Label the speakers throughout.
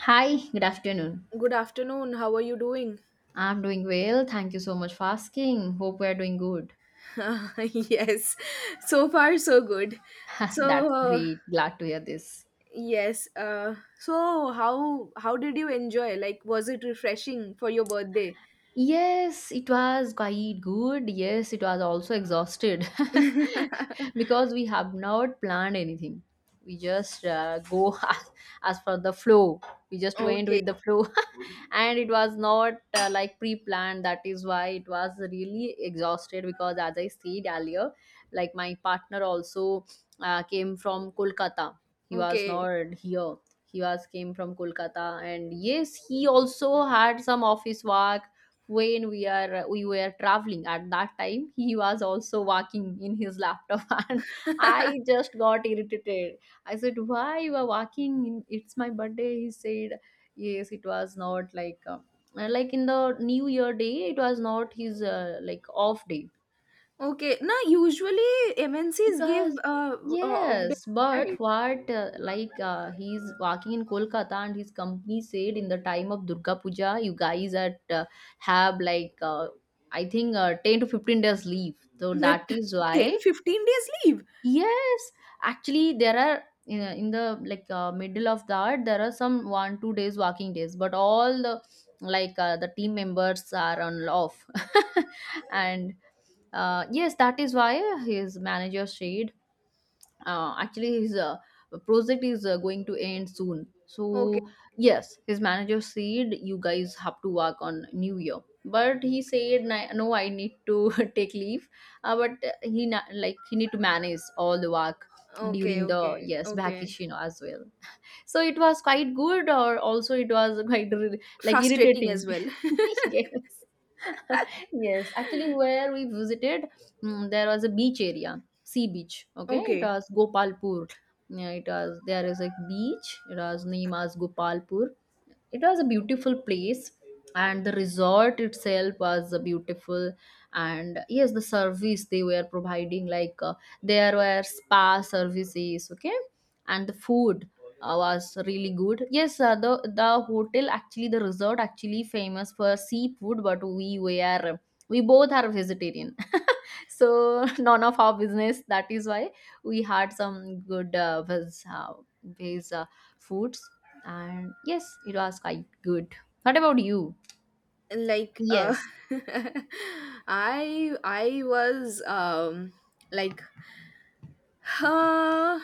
Speaker 1: Hi, good afternoon.
Speaker 2: Good afternoon. How are you doing?
Speaker 1: I'm doing well. Thank you so much for asking. Hope we're doing good.
Speaker 2: Yes, so far so good. So
Speaker 1: That's
Speaker 2: uh,
Speaker 1: great. Glad to hear this.
Speaker 2: yes, so how did you enjoy? Like, was it refreshing for your birthday?
Speaker 1: Yes, it was quite good. Yes, it was also exhausted because we have not planned anything. We just go as per the flow. We just went
Speaker 2: Okay,
Speaker 1: with the flow. And it was not like pre-planned, that is why it was really exhausted, because as I said earlier, like my partner also came from Kolkata. He was
Speaker 2: okay,
Speaker 1: not here. He was came from Kolkata, and yes, he also had some office work. When we were traveling, at that time he was also working in his laptop and I just got irritated. I said why you are working in, it's my birthday. He said yes, it was not like like in the new year day, it was not his like off day.
Speaker 2: okay. Now, usually
Speaker 1: It
Speaker 2: MNCs give
Speaker 1: was
Speaker 2: off day,
Speaker 1: yes, but
Speaker 2: right?
Speaker 1: what like he's working in Kolkata, and his company said in the time of Durga Puja, you guys at have like I think 10 to 15 days leave, so
Speaker 2: Like
Speaker 1: that is why.
Speaker 2: 10 15 days leave.
Speaker 1: Yes, actually, there are, in the like middle of that there are some one two days working days, but all the the team members are on off, and yes, that is why his manager said actually his project is going to end soon,
Speaker 2: Okay,
Speaker 1: so yes his manager said you guys have to work on new year. But he said, "No, I need to take leave, but like he need to manage all the work
Speaker 2: okay,
Speaker 1: during the
Speaker 2: okay,
Speaker 1: yes
Speaker 2: okay.
Speaker 1: vacation as well." So it was quite good, or also it was quite like
Speaker 2: Frustrating as
Speaker 1: irritating.
Speaker 2: well.
Speaker 1: Yes. Yes, actually, where we visited, there was a beach area, sea beach. Okay, it
Speaker 2: Okay.
Speaker 1: was Gopalpur. Yeah, it was, there is a beach, it was named as Gopalpur. It was a beautiful place, and the resort itself was beautiful. And yes, the service they were providing like there were spa services, okay. And the food was really good. Yes, the hotel, actually the resort, actually famous for seafood, but we both are vegetarian, so none of our business, that is why we had some good veg, veg foods. And yes, it was quite good. What about you?
Speaker 2: like uh
Speaker 1: Yes,
Speaker 2: I was like uh,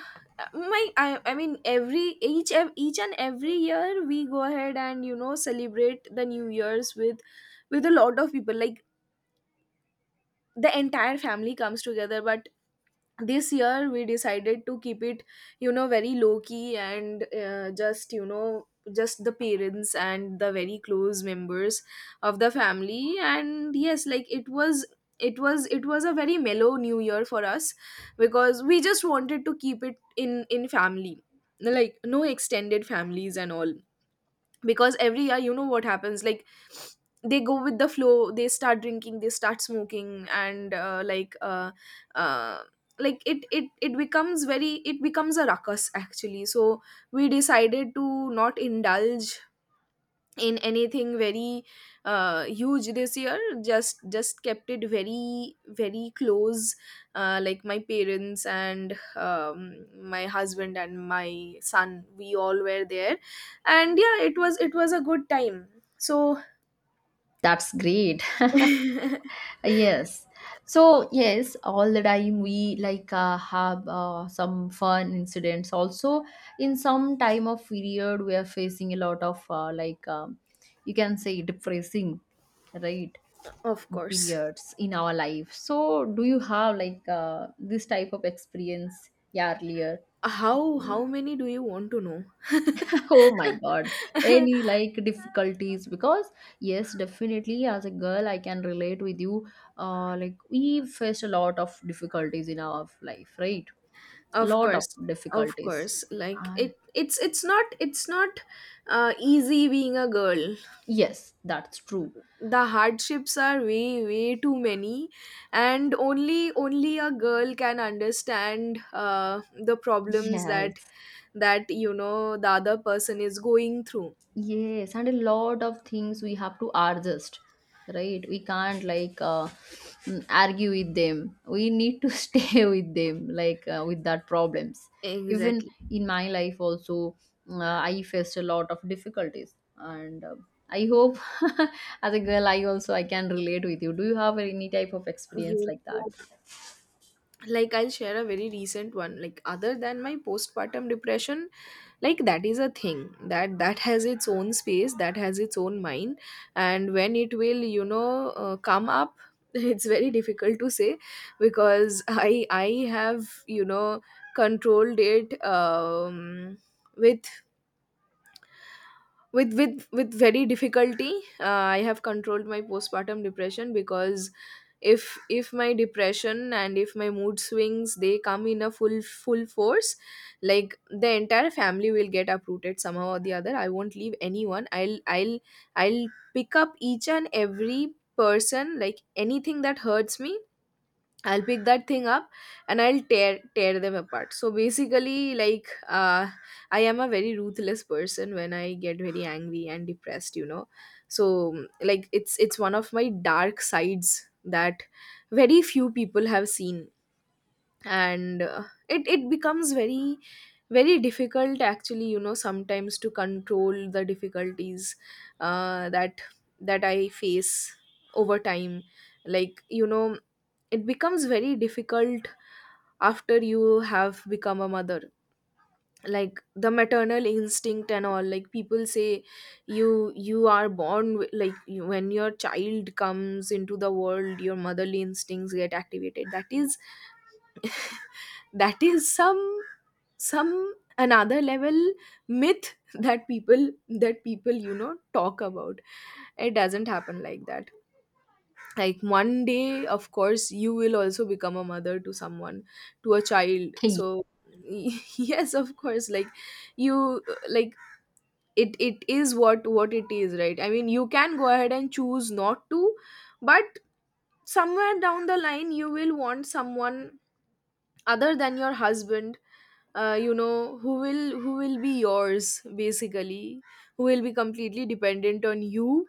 Speaker 2: my I, I mean, every each and every year we go ahead and, you know, celebrate the new year's with a lot of people, like the entire family comes together. But this year we decided to keep it, you know, very low key, and just, you know, just the parents and the very close members of the family. And yes, like it was it was, it was a very mellow new year for us because we just wanted to keep it in family, like no extended families and all, because every year, you know what happens, like they go with the flow, they start drinking, they start smoking, and uh, like it it becomes very, it becomes a ruckus actually. So we decided to not indulge in anything very huge this year. Just kept it very very close, like my parents and my husband and my son, we all were there. And yeah, it was, it was a good time. So
Speaker 1: that's great. Yes. So yes, all the time we like have some fun incidents also. In some time of period, we are facing a lot of like you can say depressing, right,
Speaker 2: of course.
Speaker 1: periods in our life. So, do you have like this type of experience, yeah, earlier?
Speaker 2: How
Speaker 1: Mm.
Speaker 2: many do you want to know?
Speaker 1: Oh my God, any like difficulties? Because, yes, definitely, as a girl, I can relate with you. Like, we faced a lot of difficulties in our life, right?
Speaker 2: Of
Speaker 1: Lot of
Speaker 2: course. Of
Speaker 1: difficulties.
Speaker 2: course, like
Speaker 1: Uh,
Speaker 2: it's not, it's not easy being a girl.
Speaker 1: yes, that's true.
Speaker 2: The hardships are way way too many, and only only a girl can understand the problems that
Speaker 1: Yes,
Speaker 2: that, you know, the other person is going through.
Speaker 1: yes, and a lot of things we have to adjust, right? We can't like argue with them. We need to stay with them, like with that problems. Even
Speaker 2: Exactly.
Speaker 1: in my life, also, I faced a lot of difficulties, and I hope as a girl, I can relate with you. Do you have any type of experience
Speaker 2: You
Speaker 1: like that?
Speaker 2: know, like I'll share a very recent one. Like other than my postpartum depression, like that is a thing that that has its own space, that has its own mind, and when it will, you know, come up it's very difficult to say. Because I have, you know, controlled it, with with very difficulty, I have controlled my postpartum depression. Because if my depression and if my mood swings they come in a full force, like the entire family will get uprooted. Somehow or the other, I won't leave anyone. I'll pick up each and every person. Like anything that hurts me, I'll pick that thing up and I'll tear them apart. So basically, like I am a very ruthless person when I get very angry and depressed, you know. So like it's one of my dark sides that very few people have seen, and it becomes very very difficult actually, you know, sometimes to control the difficulties that that I face over time. Like, you know, it becomes very difficult after you have become a mother. Like the maternal instinct and all, like people say you are like you, when your child comes into the world your motherly instincts get activated, that is that is some another level myth that people, you know, talk about. It doesn't happen like that. Like one day, of course, you will also become a mother to someone, to a child. So yes, of course, like you, like it is what it is, right? I mean, you can go ahead and choose not to, but somewhere down the line you will want someone other than your husband, you know, who will, who will be yours, basically, who will be completely dependent on you,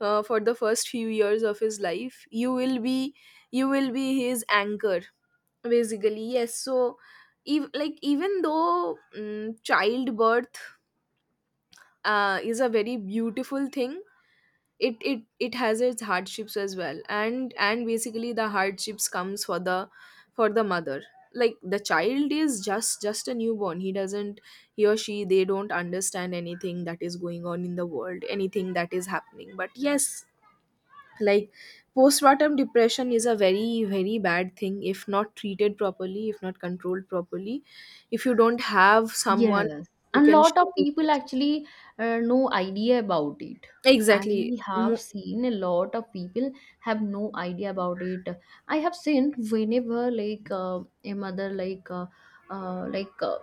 Speaker 2: for the first few years of his life. You will be, you will be his anchor, basically. Yes, so like, even though mm childbirth is a very beautiful thing, it it it has its hardships as well. And basically the hardships comes for the, for the mother. Like the child is just a newborn, he doesn't, he or she, they don't understand anything that is going on in the world, anything that is happening. But yes, like postpartum depression is a very very bad thing if not treated properly, if not controlled properly, if you don't have someone
Speaker 1: Yes,
Speaker 2: you
Speaker 1: and
Speaker 2: can
Speaker 1: lot of
Speaker 2: share it
Speaker 1: people
Speaker 2: with.
Speaker 1: actually no idea about it. I
Speaker 2: Exactly.
Speaker 1: have seen a lot of people have no idea about it. I have seen whenever like a mother uh, like uh,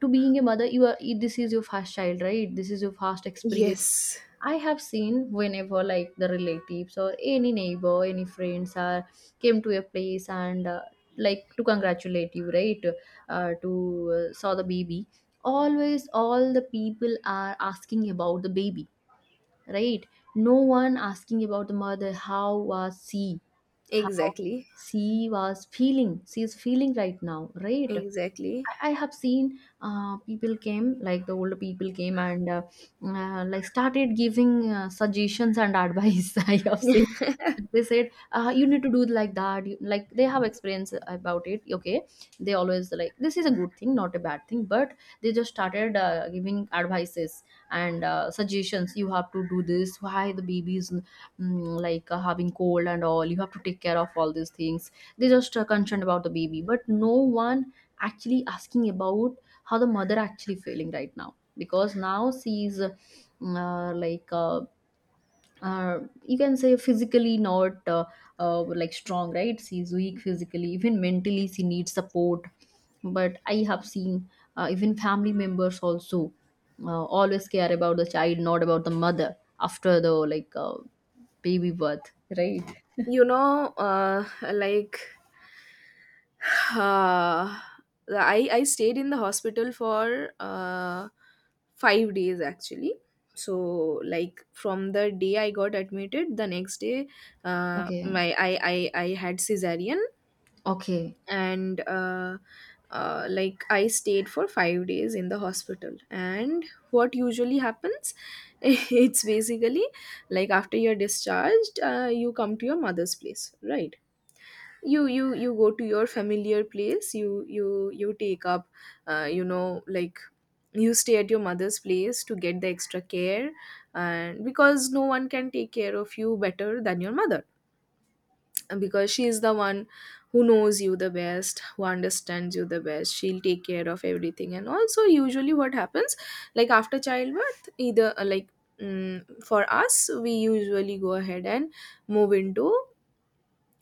Speaker 1: to being a mother, you are this is your first child, right? This is your first experience.
Speaker 2: Yes,
Speaker 1: I have seen whenever like the relatives or any neighbor, any friends are came to a place and like to congratulate you, right? To saw the baby. Always, all the people are asking about the baby, right? No one asking about the mother. How was she? How
Speaker 2: exactly,
Speaker 1: she was feeling? She is feeling right now, right?
Speaker 2: exactly.
Speaker 1: I have seen people came like the older people came and like started giving suggestions and advice. I have seen they said you need to do like that. Like they have experience about it. Okay, they always like this is a good thing, not a bad thing. But they just started giving advices and suggestions. You have to do this. Why the baby is like having cold and all. You have to take care of all these things. They just concerned about the baby, but no one actually asking about how the mother actually feeling right now, because now she is like uh, you can say physically not like strong, right? She's weak physically, even mentally she needs support. But I have seen even family members also always care about the child, not about the mother after the like baby birth, right?
Speaker 2: You know, like Uh, I stayed in the hospital for 5 days actually. So like from the day I got admitted, the next day,
Speaker 1: Okay.
Speaker 2: my I, I had cesarean,
Speaker 1: Okay.
Speaker 2: and like I stayed for 5 days in the hospital. And what usually happens, it's basically like after you're discharged, you come to your mother's place, right? You go to your familiar place. You take up, you know, like, you stay at your mother's place to get the extra care. And because no one can take care of you better than your mother. And because she is the one who knows you the best, who understands you the best, she'll take care of everything. And also usually what happens, like after childbirth, either for us, we usually go ahead and move into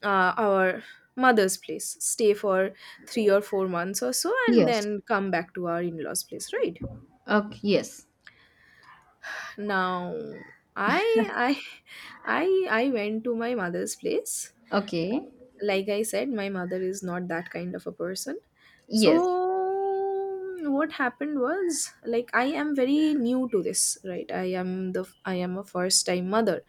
Speaker 2: our mother's place, stay for 3 or 4 months or so, and
Speaker 1: Yes.
Speaker 2: then come back to our in-laws' place, right?
Speaker 1: Okay. Yes.
Speaker 2: Now, I I I went to my mother's place.
Speaker 1: Okay.
Speaker 2: Like I said, my mother is not that kind of a person.
Speaker 1: Yes.
Speaker 2: So what happened was, like, I am very new to this, right? I am a first time mother.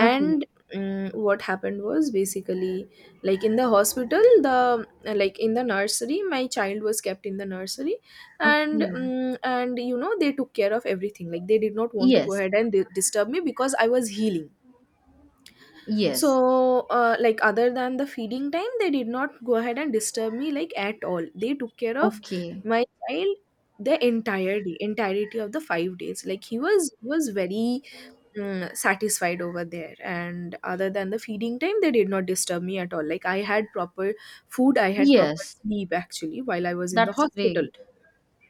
Speaker 1: Okay,
Speaker 2: mm, what happened was basically, like in the hospital, the like in the nursery, my child was kept in the nursery. And
Speaker 1: okay.
Speaker 2: mm, and you know, they took care of everything. Like they did not want to go
Speaker 1: Yes,
Speaker 2: ahead and disturb me because I was healing.
Speaker 1: yes.
Speaker 2: So like other than the feeding time, they did not go ahead and disturb me like at all. They took care of
Speaker 1: Okay.
Speaker 2: my child the entire day, entirety of the 5 days. Like he was very mm, satisfied over there, and other than the feeding time they did not disturb me at all. Like I had proper food, I had proper
Speaker 1: Yes,
Speaker 2: sleep actually while I was in the
Speaker 1: that's
Speaker 2: hospital.
Speaker 1: great.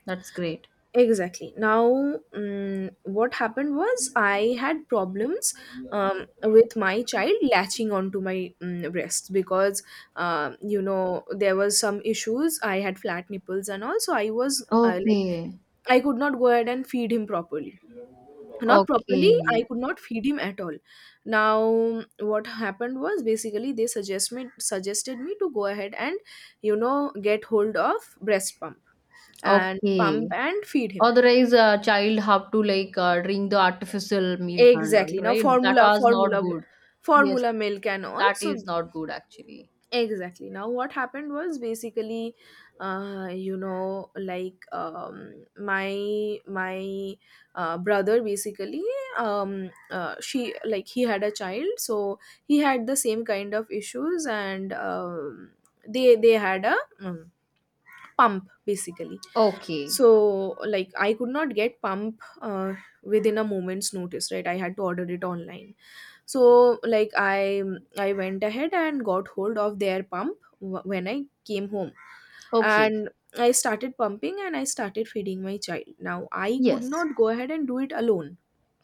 Speaker 1: That's great.
Speaker 2: Exactly. Now what happened was, I had problems with my child latching onto my breasts, because you know, there was some issues. I had flat nipples and all, so I was, like,
Speaker 1: Okay,
Speaker 2: I could not go ahead and feed him properly. Not properly,
Speaker 1: okay,
Speaker 2: I could not feed him at all. Now what happened was basically, they suggested me to go ahead and, you know, get hold of breast pump and
Speaker 1: okay.
Speaker 2: pump and feed him.
Speaker 1: Otherwise, a child have to like drink the artificial milk and all,
Speaker 2: Exactly. Now
Speaker 1: right? That was not good. Yes,
Speaker 2: formula milk and all.
Speaker 1: that is
Speaker 2: So
Speaker 1: not good actually.
Speaker 2: exactly. Now what happened was, basically, you know, like my brother, basically, she like he had a child. So he had the same kind of issues. And they had a, pump, basically.
Speaker 1: Okay,
Speaker 2: So like I could not get pump within a moment's notice, right? I had to order it online. So like I went ahead and got hold of their pump when I came home.
Speaker 1: okay.
Speaker 2: And I started pumping and I started feeding my child. Now I could
Speaker 1: Yes,
Speaker 2: not go ahead and do it alone.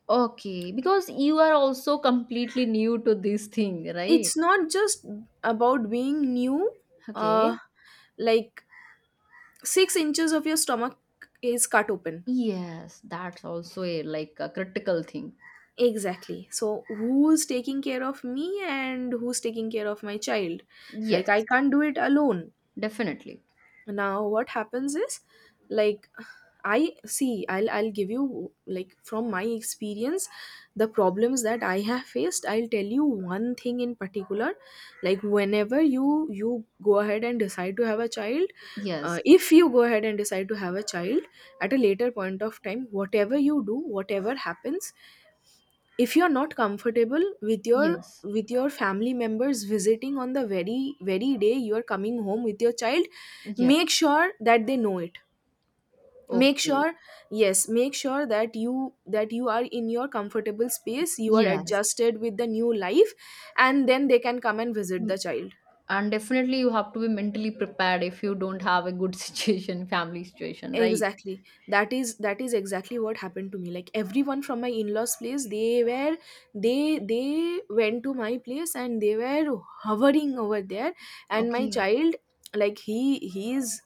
Speaker 1: okay. Because you are also completely new to this thing, right?
Speaker 2: It's not just about being new. uh
Speaker 1: Okay.
Speaker 2: like, 6 inches of your stomach is cut open.
Speaker 1: Yes, that's also a like a critical thing.
Speaker 2: Exactly. So who's taking care of me and who's taking care of my child? Like I
Speaker 1: Yes,
Speaker 2: can't do it alone.
Speaker 1: definitely.
Speaker 2: Now what happens is, like, I see, I'll give you, like, from my experience, the problems that I have faced. I'll tell you one thing in particular. Like, whenever you go ahead and decide to have a child,
Speaker 1: Yes,
Speaker 2: if you go ahead and decide to have a child at a later point of time, whatever you do, whatever happens, if you're not comfortable with your,
Speaker 1: yes,
Speaker 2: with your family members visiting on the very very day you're coming home with your child,
Speaker 1: yes.
Speaker 2: make sure that they know it. Make sure,
Speaker 1: Okay,
Speaker 2: yes, make sure that you, that you are in your comfortable space, you are
Speaker 1: yes.
Speaker 2: adjusted with the new life, and then they can come and visit the
Speaker 1: Mm,
Speaker 2: child.
Speaker 1: and definitely you have to be mentally prepared if you don't have a good situation, family situation, right?
Speaker 2: Exactly. That is, that is exactly what happened to me. Like everyone from my in-laws place, they were, they went to my place and they were hovering over there. And my
Speaker 1: Okay.
Speaker 2: child, like he's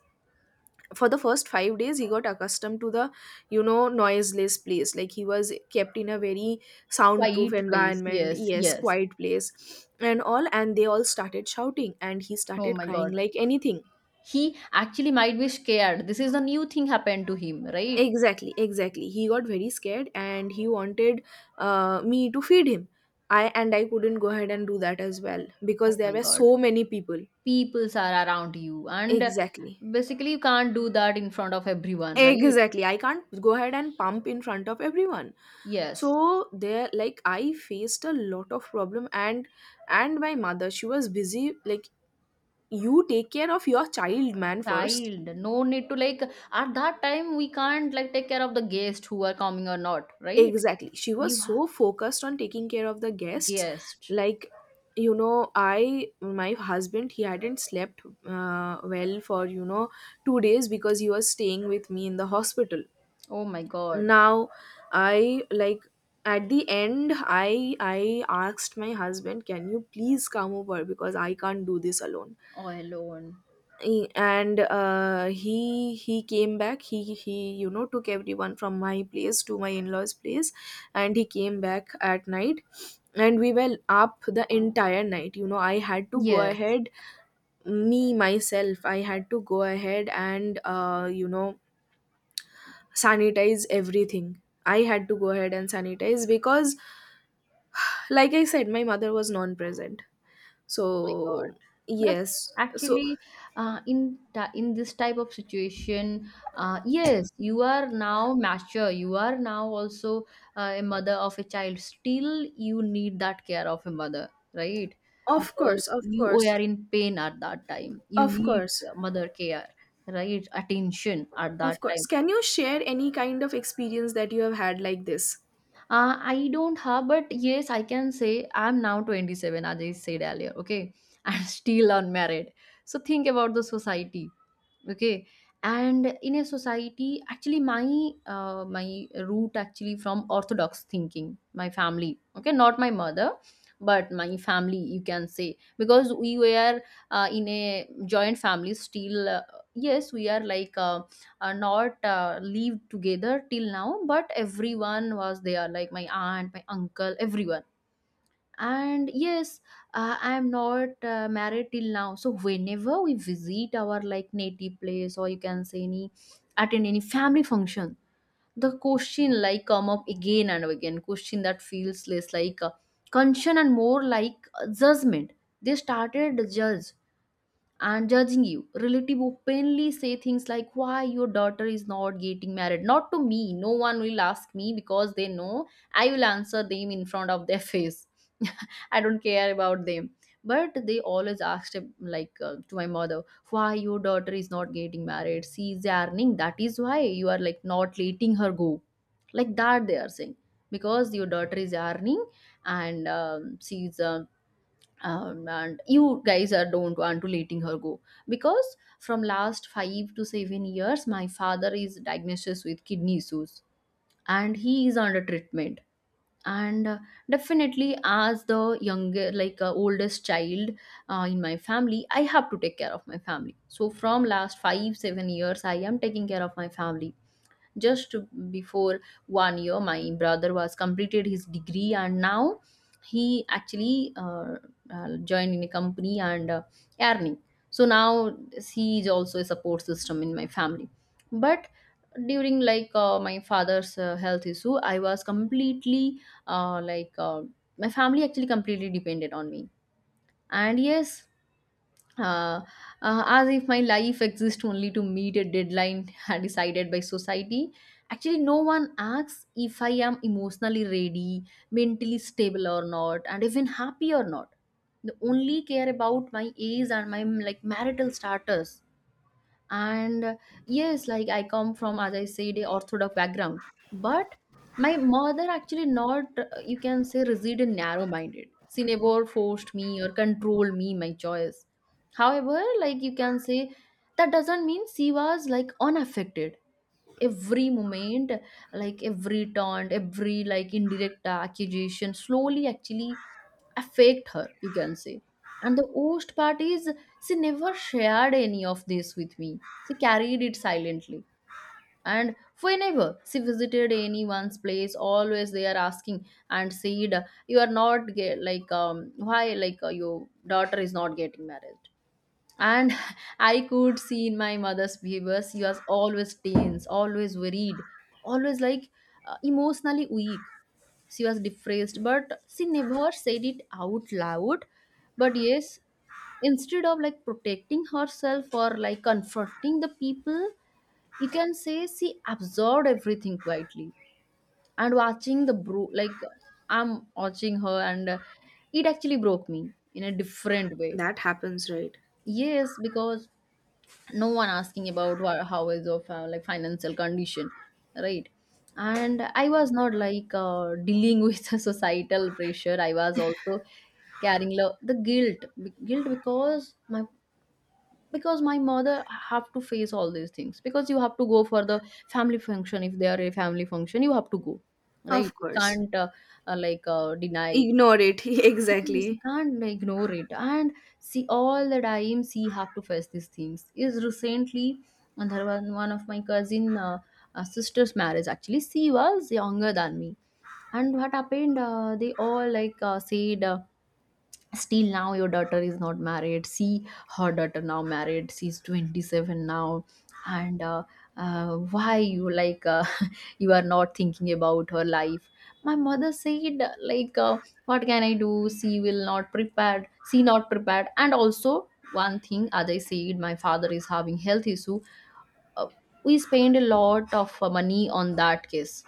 Speaker 2: for the first 5 days, he got accustomed to the, you know, noiseless place. Like he was kept in a very soundproof
Speaker 1: Quiet place.
Speaker 2: environment,
Speaker 1: Yes,
Speaker 2: yes,
Speaker 1: yes.
Speaker 2: quiet place and all. And they all started shouting and he
Speaker 1: Oh
Speaker 2: started
Speaker 1: my
Speaker 2: crying
Speaker 1: God.
Speaker 2: like anything.
Speaker 1: He actually might be scared. This is a new thing happened to him, right?
Speaker 2: Exactly, exactly. He got very scared and he wanted, me to feed him. I couldn't go ahead and do that as well because
Speaker 1: Oh
Speaker 2: there
Speaker 1: my
Speaker 2: were
Speaker 1: God.
Speaker 2: so many people.
Speaker 1: Peoples are around you and
Speaker 2: Exactly.
Speaker 1: basically you can't do that in front of everyone, right?
Speaker 2: Exactly. I can't go ahead and pump in front of everyone.
Speaker 1: Yes.
Speaker 2: So there like I faced a lot of problem and my mother she was busy like you take care of your child man first.
Speaker 1: Child, no need to like, at that time we can't like take care of the guest who are coming or not, right?
Speaker 2: Exactly. She was
Speaker 1: You have
Speaker 2: so focused on taking care of the guests.
Speaker 1: guest.
Speaker 2: Like, I, my husband, he hadn't slept well for 2 days because he was staying with me in the hospital.
Speaker 1: Oh my God.
Speaker 2: Now, I, like, at the end, I asked my husband, can you please come over because I can't do this alone.
Speaker 1: All alone.
Speaker 2: E- and he came back, he took everyone from my place to my in-laws place and he came back at night, and we were up the entire night. You know I had to go
Speaker 1: Yes,
Speaker 2: ahead me myself I had to go ahead and sanitize everything. I had to go ahead and sanitize because like I said, my mother was non-present,
Speaker 1: my God.
Speaker 2: so
Speaker 1: That's
Speaker 2: yes, so
Speaker 1: actually, in this type of situation. Yes, you are now mature. You are now also a mother of a child. Still, you need that care of a mother, right?
Speaker 2: of course,
Speaker 1: Because
Speaker 2: of
Speaker 1: you
Speaker 2: course,
Speaker 1: are in pain at that time. You
Speaker 2: of
Speaker 1: need
Speaker 2: course.
Speaker 1: mother care, right? Attention at
Speaker 2: Of
Speaker 1: that
Speaker 2: course.
Speaker 1: time.
Speaker 2: Can you share any kind of experience that you have had like this?
Speaker 1: I don't have, but yes, I can say I'm now 27, as I said earlier. Okay, I'm still unmarried. So think about the society. Okay. And in a society, actually my root actually from orthodox thinking, my family, okay, not my mother, but my family, you can say, because we were in a joint family. Still yes, we are like not lived together till now, but everyone was there, like my aunt, my uncle, everyone. And yes, I am not married till now, so whenever we visit our like native place, or you can say any, attend any family function, the question like come up again and again, question that feels less like concern and more like judgment. They started to judge, and judging you, relative openly say things like why your daughter is not getting married, not to me, no one will ask me, because they know I will answer them in front of their face. I don't care about them. But they always asked him, like to my mother, why your daughter is not getting married? She is earning. That is why you are like not letting her go. Like that they are saying, because your daughter is earning, and she's and you guys are don't want to letting her go, because from last 5 to 7 years my father is diagnosed with kidney issues, and he is under treatment. And definitely as the younger like oldest child in my family, I have to take care of my family, so from last 5 7 years I am taking care of my family. Just before one year, my brother was completed his degree, and now he actually joined in a company and earning. So now he is also a support system in my family. But during like my father's health issue, I was completely like my family actually completely depended on me. And yes, uh, as if my life exists only to meet a deadline decided by society. Actually, no one asks if I am emotionally ready, mentally stable or not, and even happy or not. They only care about my age and my like marital status and yes, like, I come from, as I said, a orthodox background, but my mother actually not you can say rigid and narrow minded. She never forced me or controlled me my choice. However, like, you can say that doesn't mean she was like unaffected every moment. Like every taunt, every like indirect accusation slowly actually I her, you can say. And the worst part is, she never shared any of this with me. She carried it silently. And whenever she visited anyone's place, always they are asking and said, "You are not get, like, why like your daughter is not getting married." And I could see in my mother's behavior, she was always tense, always worried, always like emotionally weak. She was depressed, but she never said it out loud. But yes, instead of like protecting herself or like confronting the people, you can say she absorbed everything quietly. And watching the bro like I'm watching her, and it actually broke me in a different way.
Speaker 2: That happens, right?
Speaker 1: Yes, because no one asking about how is of like financial condition, right? And I was not like dealing with the societal pressure. I was also carrying the guilt, guilt because my, because my mother have to face all these things. Because you have to go for the family function. If they are a family function, you have to go,
Speaker 2: Of
Speaker 1: right? You
Speaker 2: course.
Speaker 1: can't like deny it.
Speaker 2: Ignore it.
Speaker 1: Yes, you
Speaker 2: Exactly.
Speaker 1: can't, like, ignore it. And see, all the time she have to face these things. Is recently, and there was one of my cousin sister's marriage. Actually, she was younger than me. And what happened? They all like said. Still now your daughter is not married, see. Her daughter now married, she's 27 now. And why you like you are not thinking about her life. My mother said, like, what can I do? She will not prepared, she not prepared. And also one thing, as I said, my father is having health issue. uh, we spend a lot of money on that case.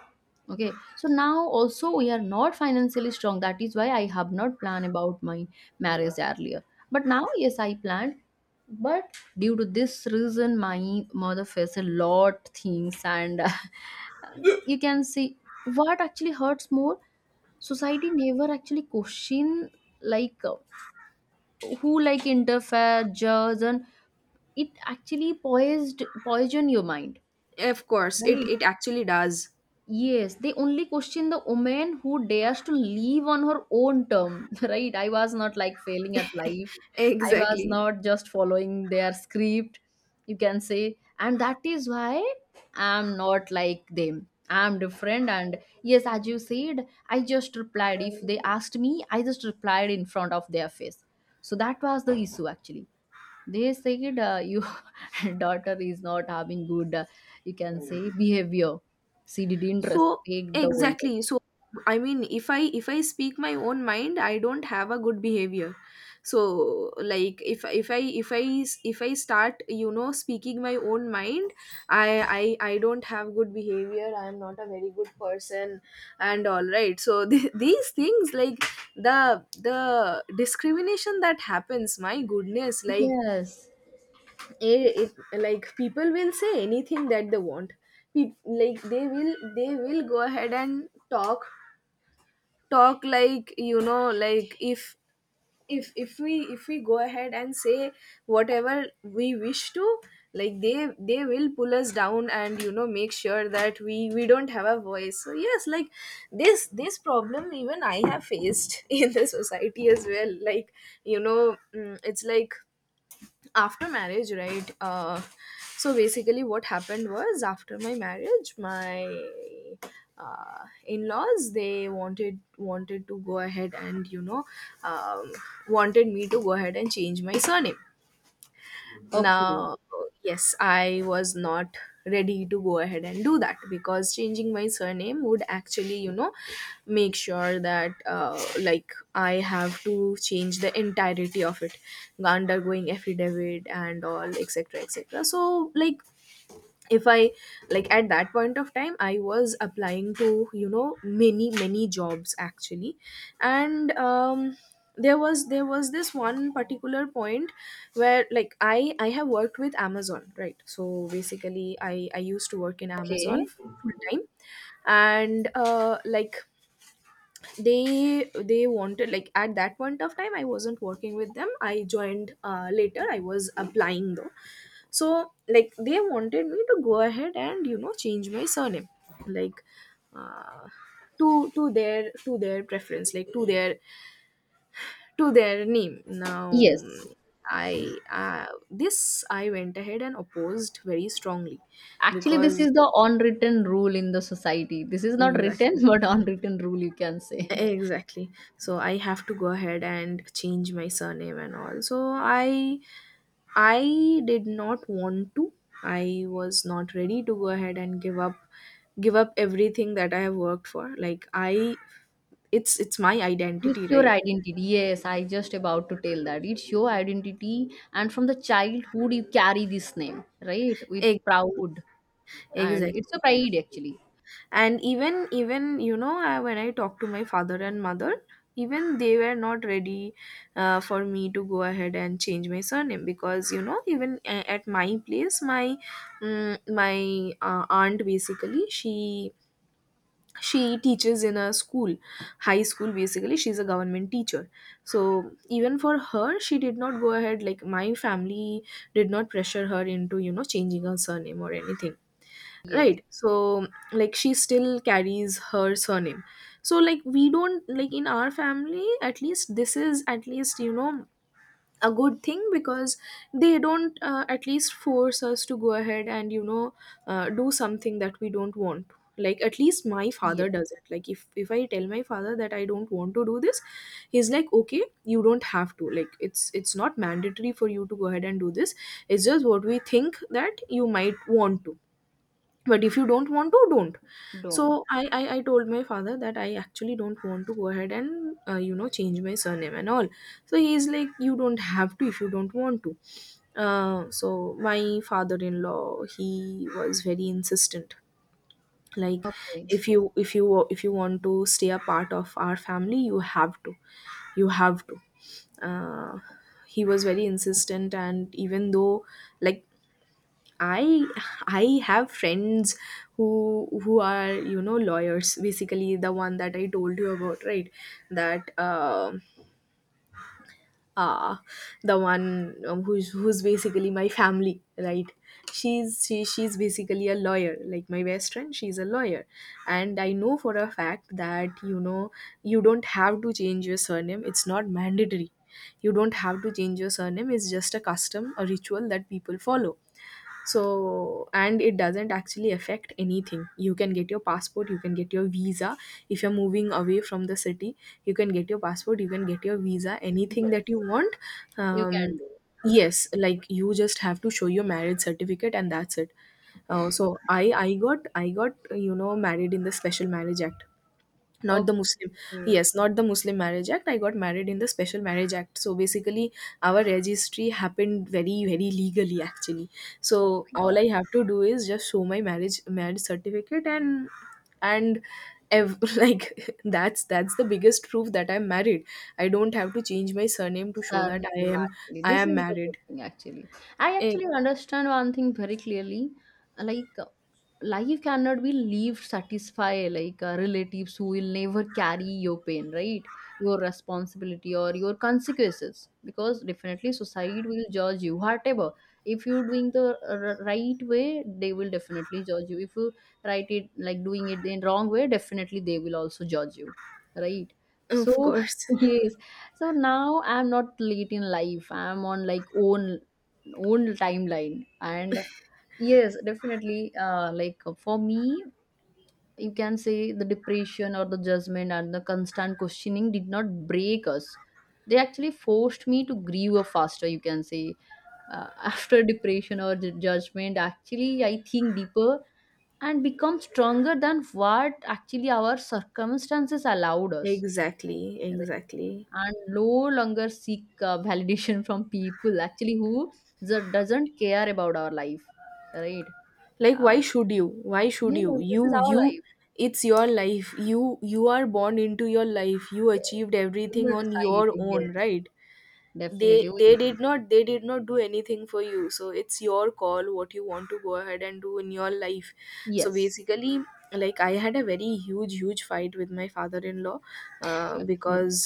Speaker 1: Okay, so now also we are not financially strong. That is why I have not planned about my marriage earlier. But now, yes, I planned. But due to this reason, my mother faced a lot things, and you can see what actually hurts more. Society never actually question, like, who like interfere, judge, and it actually poised poison your mind,
Speaker 2: Of course. It
Speaker 1: right?
Speaker 2: it actually does.
Speaker 1: Yes, they only question the woman who dares to live on her own term, right? I was not like failing at life. I was
Speaker 2: Exactly.
Speaker 1: not just following their script, you can say. And that is why I'm not like them. I'm different. And yes, as you said, I just replied. If they asked me, I just replied in front of their face. So that was the issue actually. They said, your daughter is not having good, you can say, behavior. She didn't
Speaker 2: so
Speaker 1: respect the older.
Speaker 2: exactly so I mean, if I speak my own mind, I don't have a good behavior. So like, if I start, you know, speaking my own mind, I don't have good behavior, I am not a very good person and all, right? So these things like the discrimination that happens, my goodness. Like
Speaker 1: Yes.
Speaker 2: it like people will say anything that they want. Peop like they will go ahead and talk, like, you know, like if if we go ahead and say whatever we wish to, like they will pull us down and, you know, make sure that we don't have a voice. So yes, like this problem even I have faced in the society as well. Like, you know, it's like after marriage, right? Uh, so basically what happened was, after my marriage, my in-laws, they wanted to go ahead and, you know, um, wanted me to go ahead and change my surname.
Speaker 1: Okay.
Speaker 2: Now, yes, I was not ready to go ahead and do that, because changing my surname would actually, you know, make sure that like, I have to change the entirety of it, undergoing affidavit and all, etc., etc. So, like, if I like at that point of time I was applying to, you know, many many jobs actually. And there was this one particular point where like, I have worked with Amazon, right? So basically I used to work in Amazon
Speaker 1: Okay.
Speaker 2: full time. And uh, like they wanted, like at that point of time I wasn't working with them, I joined later, I was applying though. So like they wanted me to go ahead and, you know, change my surname. like uh, to their preference, like to their name. Now
Speaker 1: Yes.
Speaker 2: mm, I This I went ahead and opposed very strongly
Speaker 1: Actually, this
Speaker 2: because
Speaker 1: is the unwritten rule in the society. This is not written,
Speaker 2: exactly,
Speaker 1: but unwritten rule, you can say. Yeah.
Speaker 2: exactly. So I have to go ahead and change my surname and all, so I did not want to. I was not ready to go ahead and give up, everything that I have worked for. Like I It's my
Speaker 1: It's
Speaker 2: identity,
Speaker 1: your
Speaker 2: right?
Speaker 1: identity. Yes, I just about to tell that. It's your identity, and from the childhood, you carry this name, right? With
Speaker 2: Ex-
Speaker 1: proud, and
Speaker 2: Exactly.
Speaker 1: it's a pride actually.
Speaker 2: And even you know, I, when I talked to my father and mother, even they were not ready for me to go ahead and change my surname, because you know, even at my place, my aunt, basically she teaches in a school, high school, basically she's a government teacher. So even for her, she did not go ahead, like my family did not pressure her into, you know, changing her surname or anything,
Speaker 1: Yes,
Speaker 2: right? So like, she still carries her surname. So like, we don't, like in our family at least, this is at least, you know, a good thing, because they don't at least force us to go ahead and, you know, do something that we don't want. Like at least my father
Speaker 1: yes.
Speaker 2: does it, like if I tell my father that I don't want to do this, he's like, okay, you don't have to. Like it's not mandatory for you to go ahead and do this. It's just what we think that you might want to, but if you don't want to, don't.
Speaker 1: Don't.
Speaker 2: So I told my father that I actually don't want to go ahead and you know, change my surname and all. So he's like, you don't have to if you don't want to. So my father-in-law, he was very insistent. Like,
Speaker 1: Okay.
Speaker 2: if you want to stay a part of our family, you have to, you have to, uh, he was very insistent. And even though, like, I I have friends who are, you know, lawyers, basically the one that I told you about, right? That uh the one, who's basically my family, right? She's basically a lawyer, like my best friend, she's a lawyer. And I know for a fact that, you know, you don't have to change your surname, it's not mandatory. You don't have to change your surname, it's just a custom, a ritual that people follow. So, and it doesn't actually affect anything. You can get your passport, you can get your visa, if you're moving away from the city. You can get your passport, you can get your visa, anything that you
Speaker 1: Yes,
Speaker 2: want.
Speaker 1: you can
Speaker 2: um,
Speaker 1: do.
Speaker 2: yes, like you just have to show your marriage certificate and that's it. Uh, so I got, you know, married in the Special Marriage Act, not the Muslim,
Speaker 1: Okay.
Speaker 2: yes, not the Muslim Marriage Act. I got married in the Special Marriage Act, so basically our registry happened very very legally actually.
Speaker 1: Oh
Speaker 2: So
Speaker 1: my
Speaker 2: all
Speaker 1: God.
Speaker 2: I have to do is just show my marriage certificate, and like that's the biggest proof that I'm married. I don't have to change my surname to show that
Speaker 1: Sarlim, actually.
Speaker 2: I
Speaker 1: This
Speaker 2: am
Speaker 1: is the good
Speaker 2: married.
Speaker 1: thing, actually. I
Speaker 2: Eh,
Speaker 1: actually understand one thing very clearly. Like, life cannot be lived satisfy like relatives who will never carry your pain, right? Your responsibility or your consequences. Because definitely society will judge you, whatever. If you're doing the right way, they will definitely judge you. If you write it like doing it in wrong way, definitely they will also judge you, right?
Speaker 2: of
Speaker 1: So,
Speaker 2: course,
Speaker 1: yes, so now I'm not late in life. I'm on like own timeline. And yes, definitely like for me, you can say the depression or the judgment and the constant questioning did not break us. They actually forced me to grieve a faster, you can say. After depression or the judgment, actually I think deeper and become stronger than what actually our circumstances allowed us.
Speaker 2: exactly, exactly.
Speaker 1: And no longer seek validation from people actually who the doesn't care about our life, right?
Speaker 2: Like, why
Speaker 1: uh,
Speaker 2: should you, why should
Speaker 1: yes, this is our
Speaker 2: you,
Speaker 1: life.
Speaker 2: it's your life. You are born into your life, you
Speaker 1: Yes,
Speaker 2: achieved
Speaker 1: we
Speaker 2: everything
Speaker 1: will
Speaker 2: on
Speaker 1: decide.
Speaker 2: your
Speaker 1: Yes,
Speaker 2: own, right?
Speaker 1: definitely
Speaker 2: they
Speaker 1: we
Speaker 2: they
Speaker 1: will
Speaker 2: did
Speaker 1: decide.
Speaker 2: not, they did not do anything for you, so it's your call what you want to go ahead and do in your life. So
Speaker 1: Yes.
Speaker 2: basically, like I had a very huge fight with my father-in-law,
Speaker 1: Okay,
Speaker 2: because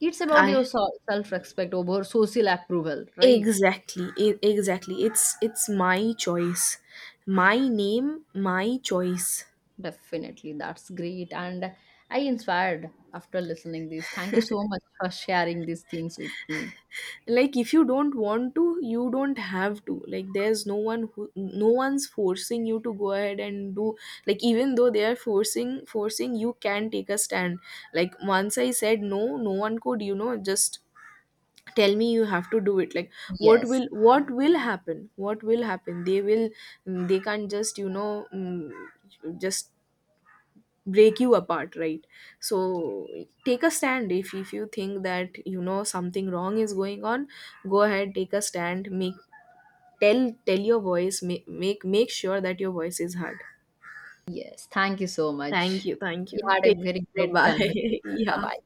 Speaker 1: it's about
Speaker 2: I,
Speaker 1: your self-respect over social approval, right?
Speaker 2: exactly, exactly, it's my choice, my name, my choice.
Speaker 1: Definitely, that's great. And I inspired after listening this. Thank you so much for sharing these things with me.
Speaker 2: Like if you don't want to, you don't have to. Like there's no one who, no one's forcing you to go ahead and do. Like even though they are forcing, you can take a stand. Like once I said no, no one could, you know, just tell me you have to do it. Like
Speaker 1: Yes.
Speaker 2: what will happen, they will, they can't just, you know, mm, just break you apart, right? So take a stand. If you think that, you know, something wrong is going on, go ahead, take a stand, make, tell your voice, make sure that your voice is heard.
Speaker 1: Yes, thank you so
Speaker 2: Thank
Speaker 1: much.
Speaker 2: you,
Speaker 1: We had a
Speaker 2: take,
Speaker 1: very great
Speaker 2: bye.
Speaker 1: conversation. Bye
Speaker 2: Yeah.
Speaker 1: bye.